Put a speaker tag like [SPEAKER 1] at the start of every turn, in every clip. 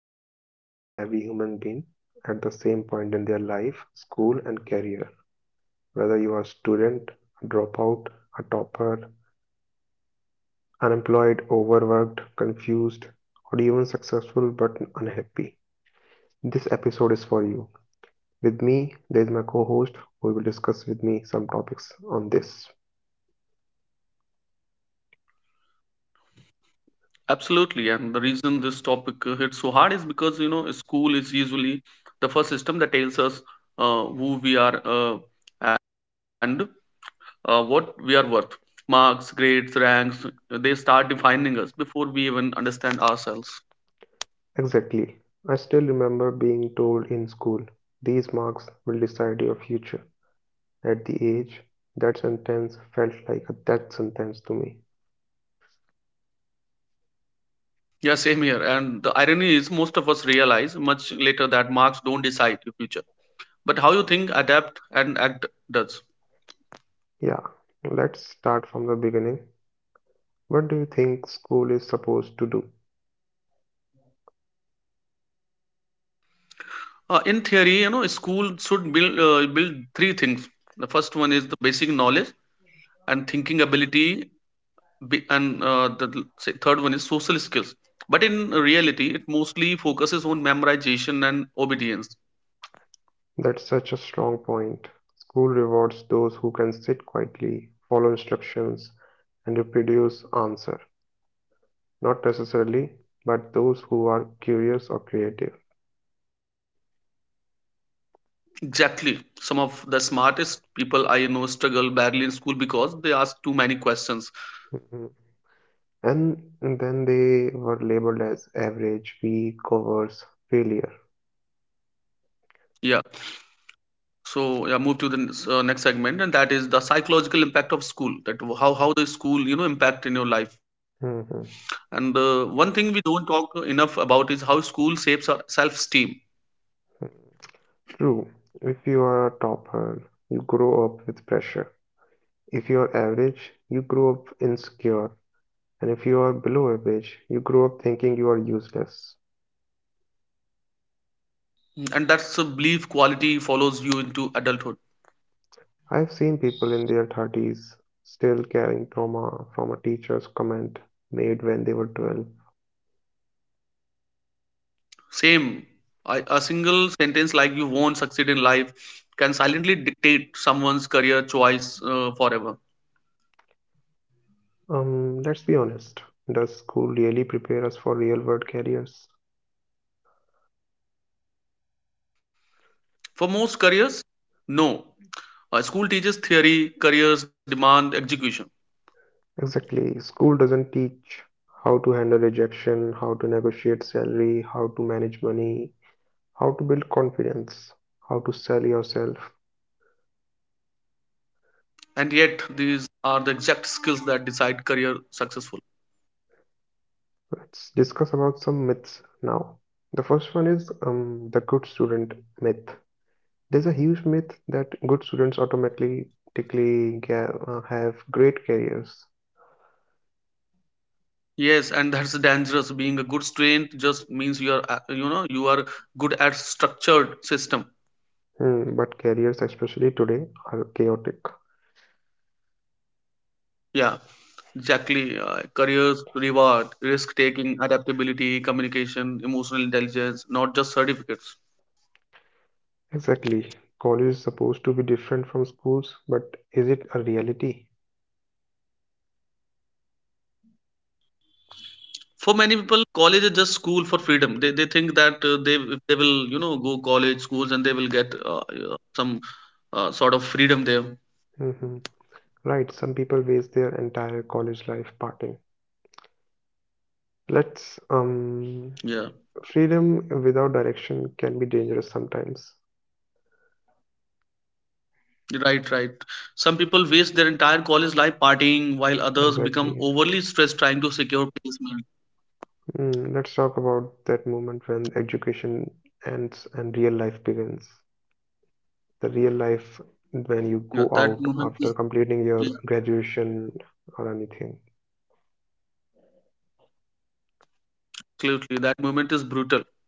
[SPEAKER 1] affects literally every human being at the same point in their life, school, and career. Whether you are a student, a dropout, a topper, unemployed, overworked, confused, or even successful but unhappy, this episode is for you. With me, there is my co host who will discuss with me some topics on this.
[SPEAKER 2] Absolutely, and the reason this topic hits so hard is because you know school is usually the first system that tells us who we are, and what we are worth. Marks, grades, ranks, they start defining us before we even understand ourselves.
[SPEAKER 1] Exactly. I still remember being told in school, these marks will decide your future. At the age, that sentence felt like a death sentence to me.
[SPEAKER 2] Yeah, same here. And the irony is, most of us realize much later that marks don't decide your future, but how you think, adapt, and act does.
[SPEAKER 1] Yeah, let's start from the beginning. What do you think school is supposed to do?
[SPEAKER 2] In theory, you know, school should build three things. The first one is the basic knowledge and thinking ability, be- and the l- say third one is social skills, but in reality it mostly focuses on memorization and obedience.
[SPEAKER 1] That's such a strong point. School rewards those who can sit quietly, follow instructions, and reproduce answer. Not necessarily, but those who are curious or creative.
[SPEAKER 2] Exactly, some of the smartest people I know struggle badly in school because they ask too many questions.
[SPEAKER 1] Mm-hmm. And then they were labeled as average, weak, cowards, failure.
[SPEAKER 2] Yeah, so yeah, move to the next segment, and that is the psychological impact of school, that how the school you know impact in your life. And
[SPEAKER 1] Mhm.
[SPEAKER 2] one thing we don't talk enough about is how school shapes our self-esteem,
[SPEAKER 1] True. If you are a topper, you grow up with pressure. If you are average, you grow up insecure. And if you are below average, you grow up thinking you are useless.
[SPEAKER 2] and that's a belief quality follows you into adulthood.
[SPEAKER 1] I've seen people in their 30s still carrying trauma from a teacher's comment made when they were 12.
[SPEAKER 2] Same. I, a single sentence like you won't succeed in life can silently dictate someone's career choice forever.
[SPEAKER 1] Let's be honest. Does school really prepare us for real world careers?
[SPEAKER 2] For most careers, no. School teaches theory, careers demand execution.
[SPEAKER 1] Exactly. School doesn't teach how to handle rejection, how to negotiate salary, how to manage money, how to build confidence, how to sell yourself.
[SPEAKER 2] And yet these are the exact skills that decide career successful.
[SPEAKER 1] Let's discuss about some myths now. The first one is the good student myth. There's a huge myth that good students automatically have great careers.
[SPEAKER 2] Yes, and that's dangerous, being a good student just means you are, you know, you are good at structured system.
[SPEAKER 1] Hmm, but careers, especially today, are chaotic.
[SPEAKER 2] Yeah. Exactly. Careers, reward, risk taking, adaptability, communication, emotional intelligence, not just certificates.
[SPEAKER 1] Exactly. College is supposed to be different from schools, but is it a reality?
[SPEAKER 2] For many people, college is just school for freedom. They think that, they if they will you know go college schools and they will get some sort of freedom there.
[SPEAKER 1] Hmm. Right. Some people waste their entire college life partying. Let's
[SPEAKER 2] Yeah,
[SPEAKER 1] Freedom without direction can be dangerous sometimes.
[SPEAKER 2] right, right. Some people waste their entire college life partying, while others become
[SPEAKER 1] Exactly.
[SPEAKER 2] overly stressed trying to secure placement.
[SPEAKER 1] Mm, let's talk about that moment when education ends and real life begins. The real life when you go
[SPEAKER 2] Yeah, that
[SPEAKER 1] out
[SPEAKER 2] moment
[SPEAKER 1] after
[SPEAKER 2] is,
[SPEAKER 1] completing your
[SPEAKER 2] yeah,
[SPEAKER 1] graduation or anything.
[SPEAKER 2] absolutely that moment is brutal.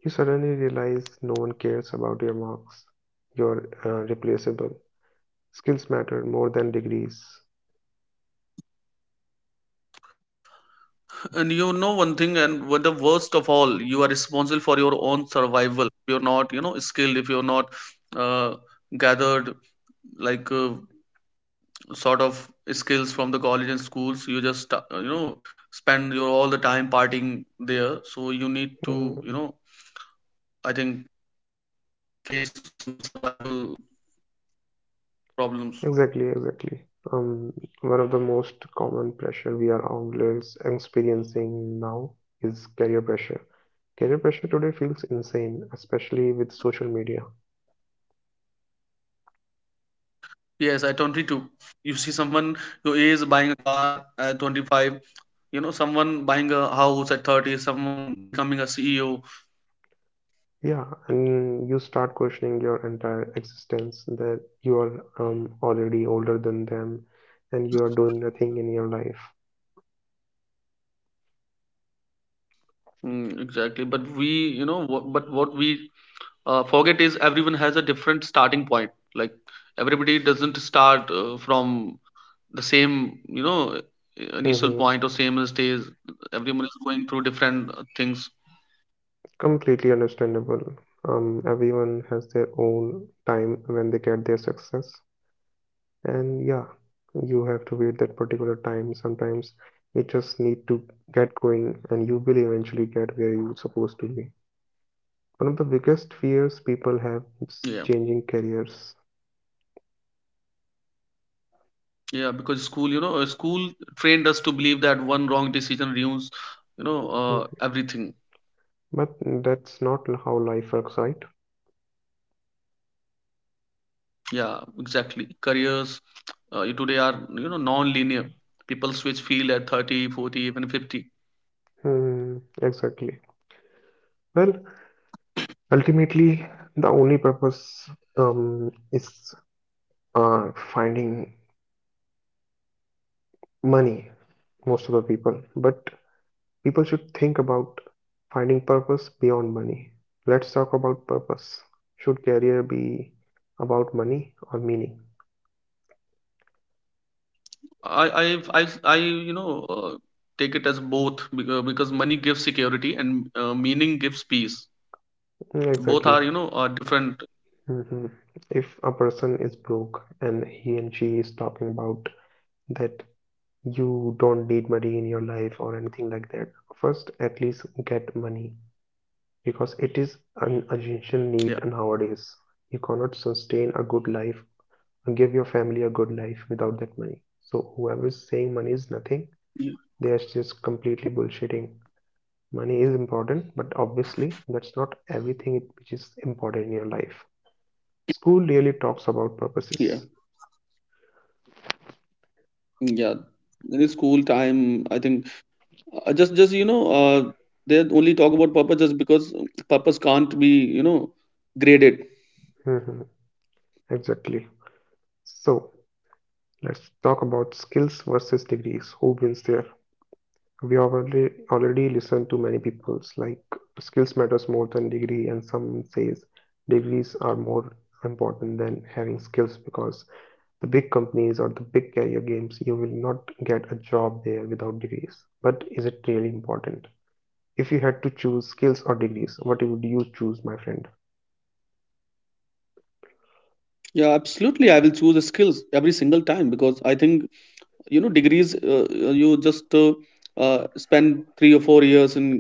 [SPEAKER 1] You suddenly realize no one cares about your marks. You're replaceable. Skills matter more than degrees.
[SPEAKER 2] And you know one thing, and what the worst of all, you are responsible for your own survival. You're not, you know, skilled if you're not uh, gathered, like sort of skills from the college and schools. You just, you know, spend your all the time partying there. So you need to, you
[SPEAKER 1] Mm,
[SPEAKER 2] know, I think face some survival problems.
[SPEAKER 1] exactly, exactly. Um, One of the most common pressure we are all is experiencing now is career pressure. Career pressure today feels insane, especially with social media.
[SPEAKER 2] Yes, at 22, you see someone your age buying a car at 25, you know, someone buying a house at 30, someone becoming a CEO.
[SPEAKER 1] Yeah, and you start questioning your entire existence that you are already older than them and you are doing nothing in your life.
[SPEAKER 2] Mm, exactly. But we, you know, what, but what we forget is everyone has a different starting point. Like everybody doesn't start from the same, you know, initial
[SPEAKER 1] Hmm.
[SPEAKER 2] point or same stage. Everyone is going through different things.
[SPEAKER 1] Completely understandable. Everyone has their own time when they get their success, and yeah, you have to wait that particular time. Sometimes you just need to get going, and you will eventually get where you're supposed to be. One of the biggest fears people have
[SPEAKER 2] Yeah,
[SPEAKER 1] is changing careers.
[SPEAKER 2] yeah, because school, you know, school trained us to believe that one wrong decision ruins, you know, everything.
[SPEAKER 1] But that's not how life works, right?
[SPEAKER 2] Yeah, exactly. Careers today are, you know, non-linear. People switch field at 30, 40, even 50.
[SPEAKER 1] Hmm, exactly. Well, ultimately, the only purpose is finding money, most of the people. But people should think about finding purpose beyond money. Let's talk about purpose. Should career be about money or meaning?
[SPEAKER 2] I've. I, you know, take it as both because money gives security and meaning gives peace.
[SPEAKER 1] Mm,
[SPEAKER 2] Both are
[SPEAKER 1] exactly.
[SPEAKER 2] you know are different.
[SPEAKER 1] Hmm. If
[SPEAKER 2] Yeah,
[SPEAKER 1] a person is broke and he and she is talking about that you don't need money in your life or anything like that, first at least get money because it is an essential
[SPEAKER 2] yeah,
[SPEAKER 1] need nowadays. You cannot sustain a good life and give your family a good life without that money, so whoever is saying money is nothing,
[SPEAKER 2] yeah,
[SPEAKER 1] they are just completely bullshitting. Money is important, but obviously that's not everything which is important in your life. School really talks about purposes.
[SPEAKER 2] yeah, yeah. In the school time, I think just you know, they only talk about purpose just because purpose can't be you know graded.
[SPEAKER 1] Mhm, exactly. So let's talk about skills versus degrees, who wins the. We have already listened to many people's like skills matters more than degree, and some says degrees are more important than having skills because the big companies or the big career games, you will not get a job there without degrees. But is it really important? If you had to choose skills or degrees, what would you choose, my friend?
[SPEAKER 2] Yeah, absolutely. I will choose the skills every single time because I think you know degrees, you just spend 3 or 4 years in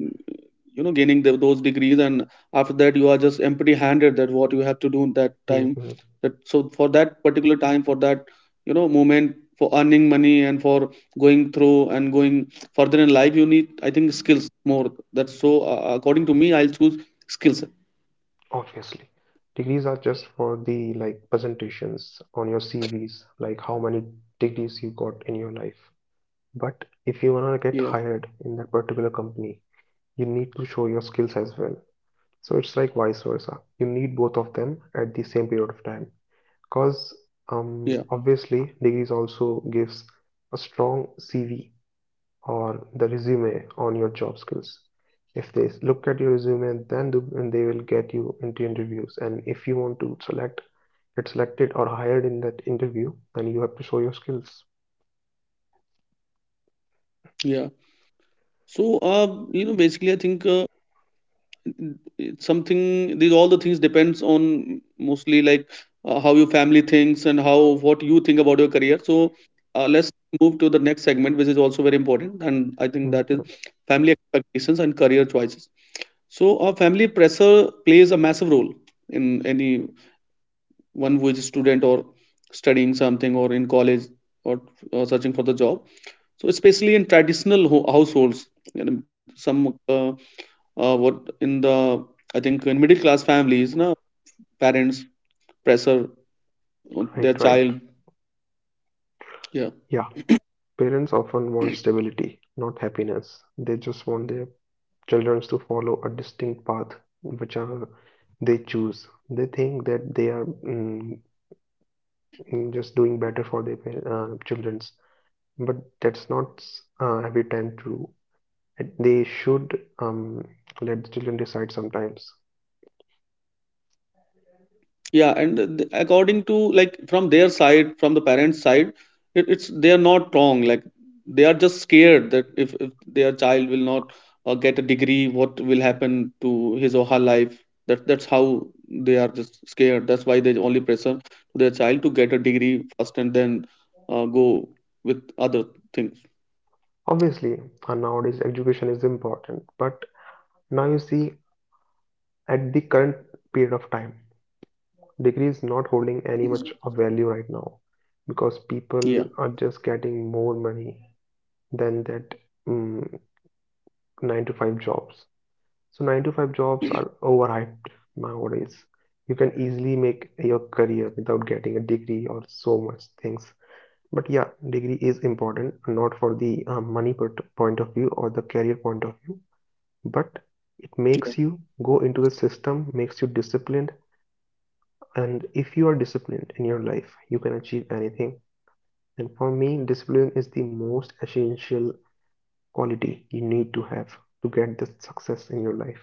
[SPEAKER 2] you know gaining the, those degrees, and after that you are just empty handed, that what you have to do in that time.
[SPEAKER 1] Hmm.
[SPEAKER 2] That so for that particular time, for that you know moment, for earning money, and for going through and going further in life, you need I think skills more. That's so, according to me I'll choose skills.
[SPEAKER 1] Obviously, degrees are just for the like presentations on your CVs, like how many degrees you got in your life. But if you wanna get
[SPEAKER 2] Yeah,
[SPEAKER 1] hired in that particular company, you need to show your skills as well. So it's like vice versa. You need both of them at the same period of time. Because
[SPEAKER 2] yeah,
[SPEAKER 1] obviously degrees also gives a strong CV or the resume on your job skills. If they look at your resume, then do, and they will get you into interviews. And if you want to select, get selected or hired in that interview, then you have to show your skills.
[SPEAKER 2] yeah, so, you know, basically I think it's something, these all the things depends on mostly, like, how your family thinks and how what you think about your career. So let's move to the next segment, which is also very important, and I think that
[SPEAKER 1] Mhm.
[SPEAKER 2] is family expectations and career choices. So our family pressure plays a massive role in any one who is a student or studying something or in college or, or searching for the job. So especially in traditional households, you know, some, what in the I think in middle class families, no, parents pressure on
[SPEAKER 1] Right,
[SPEAKER 2] their
[SPEAKER 1] right.
[SPEAKER 2] child. Yeah,
[SPEAKER 1] Yeah. Parents often want stability, not happiness. They just want their children to follow a distinct path which are they choose. They think that they are just doing better for their children's, but that's not every time true. And they should let the children decide sometimes.
[SPEAKER 2] yeah, and according to, like, from their side, from the parents' side, it's they are not wrong. Like they are just scared that if their child will not get a degree, what will happen to his or her life? That that's how they are just scared. That's why they only pressure their child to get a degree first and then go with other things.
[SPEAKER 1] Obviously, nowadays education is important, but now you see at the current period of time, degree is not holding any
[SPEAKER 2] Mhm.
[SPEAKER 1] much of value right now because
[SPEAKER 2] Yeah.
[SPEAKER 1] people are just getting more money than that mm, 9 to 5 jobs. So 9 to 5 jobs are overhyped nowadays. You can easily make your career without getting a degree or so much things. But yeah, degree is important, not for the money point of view or the career point of view, but it makes you go into the system, makes you disciplined. And if you are disciplined in your life, you can achieve anything. And for me, discipline is the most essential quality you need to have to get the success in your life.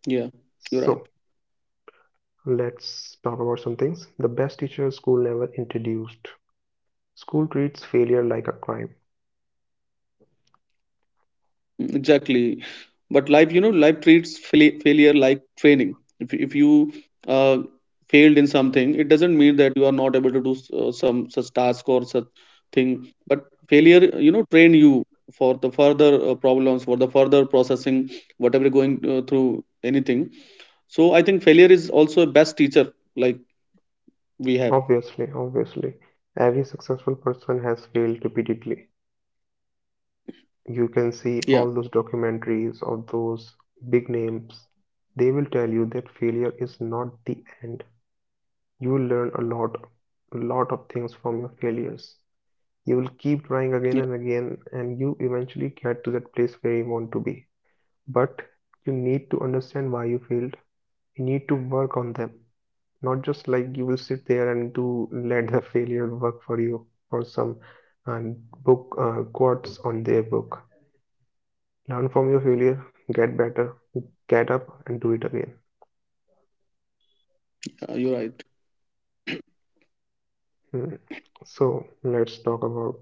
[SPEAKER 2] Yeah, you're right.
[SPEAKER 1] So, let's talk about some things. The best teacher school never introduced. School treats failure like a crime.
[SPEAKER 2] Mm, exactly. But life, you know, life treats failure like training. If you uh, failed in something, it doesn't mean that you are not able to do some such task or such thing. But failure, you know, train you for the further problems, for the further processing, whatever going through anything. So I think failure is also a best teacher, like we have.
[SPEAKER 1] Obviously, obviously, every successful person has failed repeatedly. You can see
[SPEAKER 2] Yeah,
[SPEAKER 1] all those documentaries of those big names. They will tell you that failure is not the end. You'll learn a lot of things from your failures. You'll keep trying again
[SPEAKER 2] yeah,
[SPEAKER 1] and again, and you eventually get to that place where you want to be. But you need to understand why you failed. You need to work on them, not just like you will sit there and do let the failure work for you or some and book quotes on their book. Learn from your failure, get better, get up, and do it again.
[SPEAKER 2] you're right.
[SPEAKER 1] Hmm. So let's talk about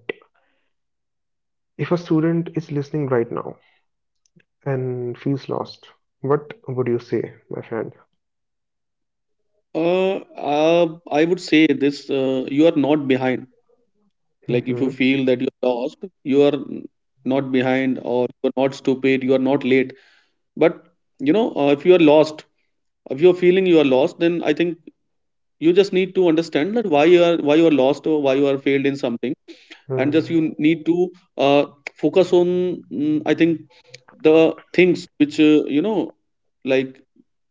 [SPEAKER 1] if a student is listening right now and feels lost. What would you say, my friend?
[SPEAKER 2] Uh, uh, I would say this: you are not behind. Like if you
[SPEAKER 1] Mm-hmm.
[SPEAKER 2] feel that you're lost, you are not behind or you're not stupid, you are not late. But you know, if you are lost, if you're feeling you are lost, then I think you just need to understand that why you are, lost or why you are failed in something. And just
[SPEAKER 1] Mm-hmm.
[SPEAKER 2] you need to uh, focus on, I think, the things which, you know, like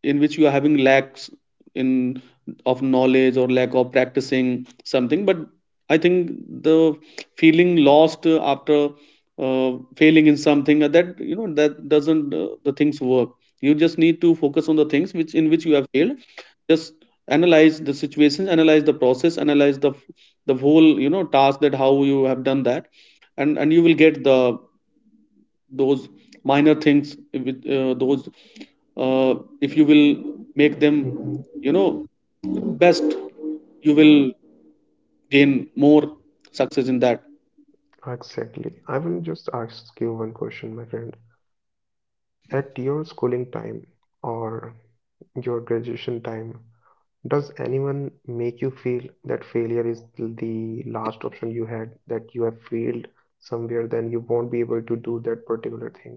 [SPEAKER 2] in which you are having lacks in of knowledge or lack of practicing something. But I think the feeling lost after failing in something, that you know that doesn't, the things work. You just need to focus on the things which in which you have failed. Just analyze the situation, analyze the process, analyze the whole you know task, that how you have done that. And you will get the those minor things with, those, if you will make them,
[SPEAKER 1] Mm-hmm.
[SPEAKER 2] you know, best, you will gain more success in that.
[SPEAKER 1] Exactly. I will just ask you one question, my friend. At your schooling time or your graduation time, does anyone make you feel that failure is the last option you had, that you have failed somewhere, then you won't be able to do that particular thing?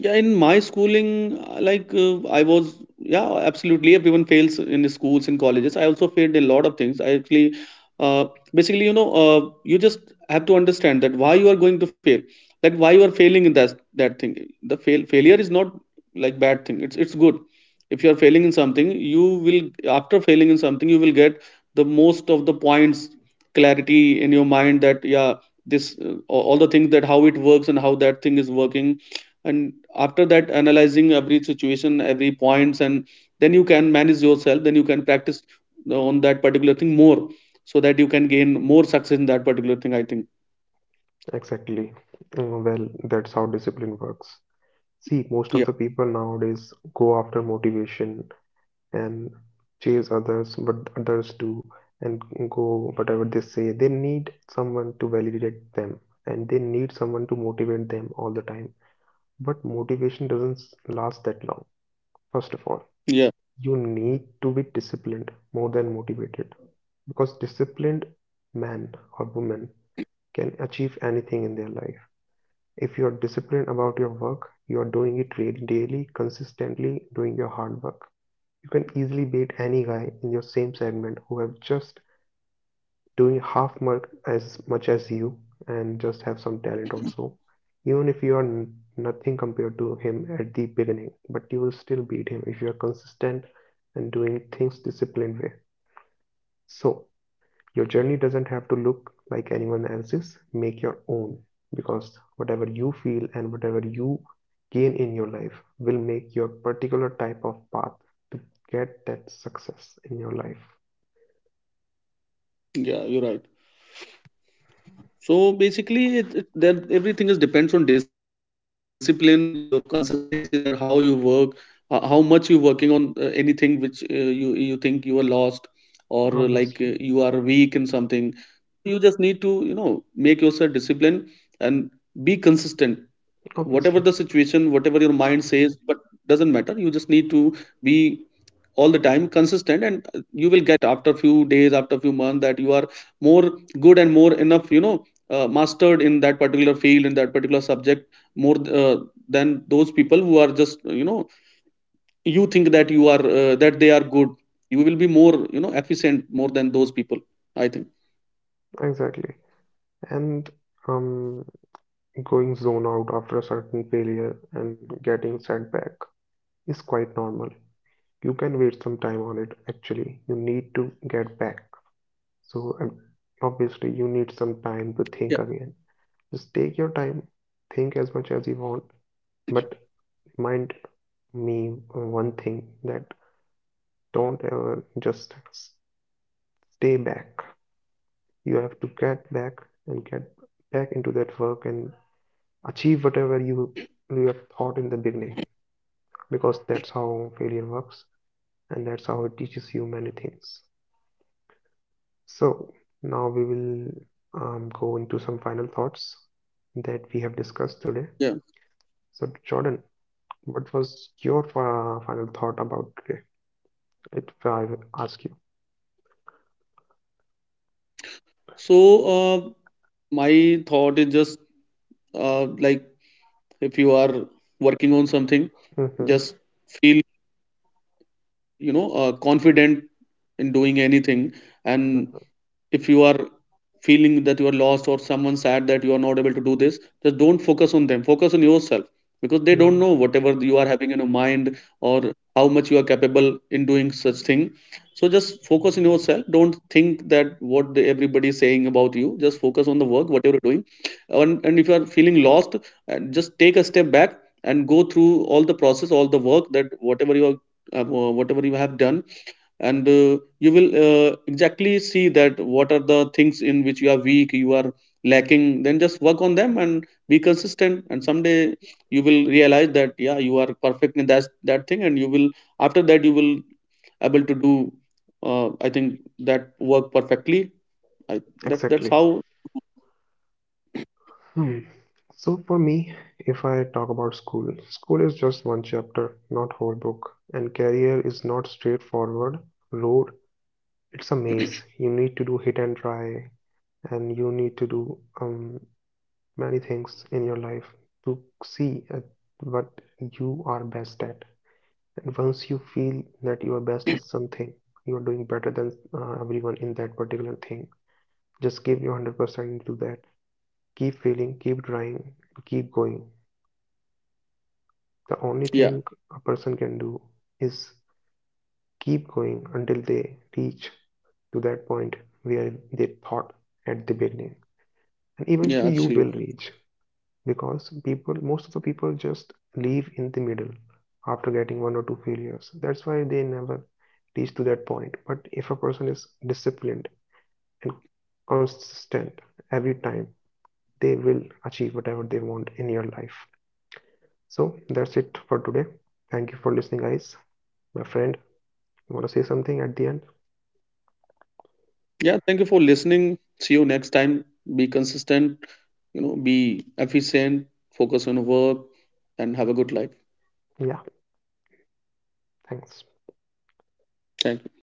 [SPEAKER 2] Yeah, in my schooling, like, I was, yeah, absolutely. Everyone fails in the schools and colleges. I also failed a lot of things. I actually, uh, basically, you know, you just have to understand that why you are going to fail, like why you are failing in that thing. The failure is not like bad thing. It's good. If you are failing in something, you will after failing in something, you will get the most of the points clarity in your mind that yeah, this all the things, that how it works and how that thing is working, and after that analyzing every situation, every points, and then you can manage yourself, then you can practice on that particular thing more so that you can gain more success in that particular thing, I think.
[SPEAKER 1] Exactly. Mm, well, that's how discipline works. See, most of
[SPEAKER 2] Yeah,
[SPEAKER 1] the people nowadays go after motivation and chase others but others do and go whatever they say, they need someone to validate them and they need someone to motivate them all the time, but motivation doesn't last that long. First of all,
[SPEAKER 2] yeah,
[SPEAKER 1] you need to be disciplined more than motivated, because disciplined man or woman can achieve anything in their life. If you are disciplined about your work, you are doing it really daily, consistently doing your hard work, you can easily beat any guy in your same segment who have just doing half much as you and just have some talent also. Even if you are nothing compared to him at the beginning, but you will still beat him if you are consistent and doing things disciplined way. So your journey doesn't have to look like anyone else's. Make your own, because whatever you feel and whatever you gain in your life will make your particular type of path to get that success in your life.
[SPEAKER 2] yeah, you're right. So basically, then everything is depends on discipline, your consistency, that how you work, how much you're working on anything which, you think you are lost or, like, you are
[SPEAKER 1] Obviously,
[SPEAKER 2] weak in something. You just need to, you know, make yourself disciplined and be consistent. Whatever
[SPEAKER 1] obviously,
[SPEAKER 2] the situation, whatever your mind says, but doesn't matter. You just need to be all the time consistent, and you will get after few days, after few months, that you are more good and more enough, you know, mastered in that particular field, in that particular subject, more, than those people who are just, you know, you think that you are, that they are good. You will be more, you know, efficient more than those people, I think.
[SPEAKER 1] exactly. And um, going zone out after a certain failure and getting sent back is quite normal. You can wait some time on it, actually. You need to get back. So obviously you
[SPEAKER 2] Yeah,
[SPEAKER 1] need some time to think again. Just take your time, think as much as you want, but remind me one thing that don't ever just stay back. You have to get back and get back into that work and achieve whatever you have thought in the beginning, because that's how failure works and that's how it teaches you many things. So now we will go into some final thoughts that we have discussed today.
[SPEAKER 2] yeah,
[SPEAKER 1] So Jordan, what was your final thought about it? If I ask you.
[SPEAKER 2] so, uh, my thought is just, like, if you are working on something,
[SPEAKER 1] Hmm.
[SPEAKER 2] just feel, you know, confident in doing anything. And if you are feeling that you are lost or someone sad that you are not able to do this, just don't focus on them, focus on yourself, because they don't
[SPEAKER 1] Hmm.
[SPEAKER 2] know whatever you are having in your mind or how much you are capable in doing such thing. So just focus on yourself, don't think that what the, everybody is saying about you, just focus on the work whatever you're doing. And if you are feeling lost, just take a step back and go through all the process, all the work, that whatever you are, whatever you have done. And you will, exactly see that what are the things in which you are weak, you are lacking. Then just work on them and be consistent, and someday you will realize that yeah, you are perfect in that thing, and you will after that you will able to do, I think, that work perfectly. I that that's
[SPEAKER 1] Exactly.
[SPEAKER 2] how.
[SPEAKER 1] Hmm. So for me, if I talk about school, school is just one chapter, not whole book. And career is not straightforward road. It's a maze. You need to do hit and try, and you need to do many things in your life to see at what you are best at. And once you feel that you are best at something, you are doing better than everyone in that particular thing. Just give your 100% into that. Keep failing, keep trying, keep going. The only
[SPEAKER 2] Yeah,
[SPEAKER 1] thing a person can do is keep going until they reach to that point where they thought at the beginning. And
[SPEAKER 2] yeah,
[SPEAKER 1] eventually you will
[SPEAKER 2] absolutely.
[SPEAKER 1] reach. Because people, most of the people just leave in the middle after getting one or two failures, that's why they never reach to that point. But if a person is disciplined and consistent every time, they will achieve whatever they want in your life. So that's it for today, thank you for listening guys. My friend, you want to say something at the end?
[SPEAKER 2] Yeah, thank you for listening. See you next time. Be consistent, you know, be efficient, focus on work, and have a good life.
[SPEAKER 1] Yeah, thanks.
[SPEAKER 2] Thank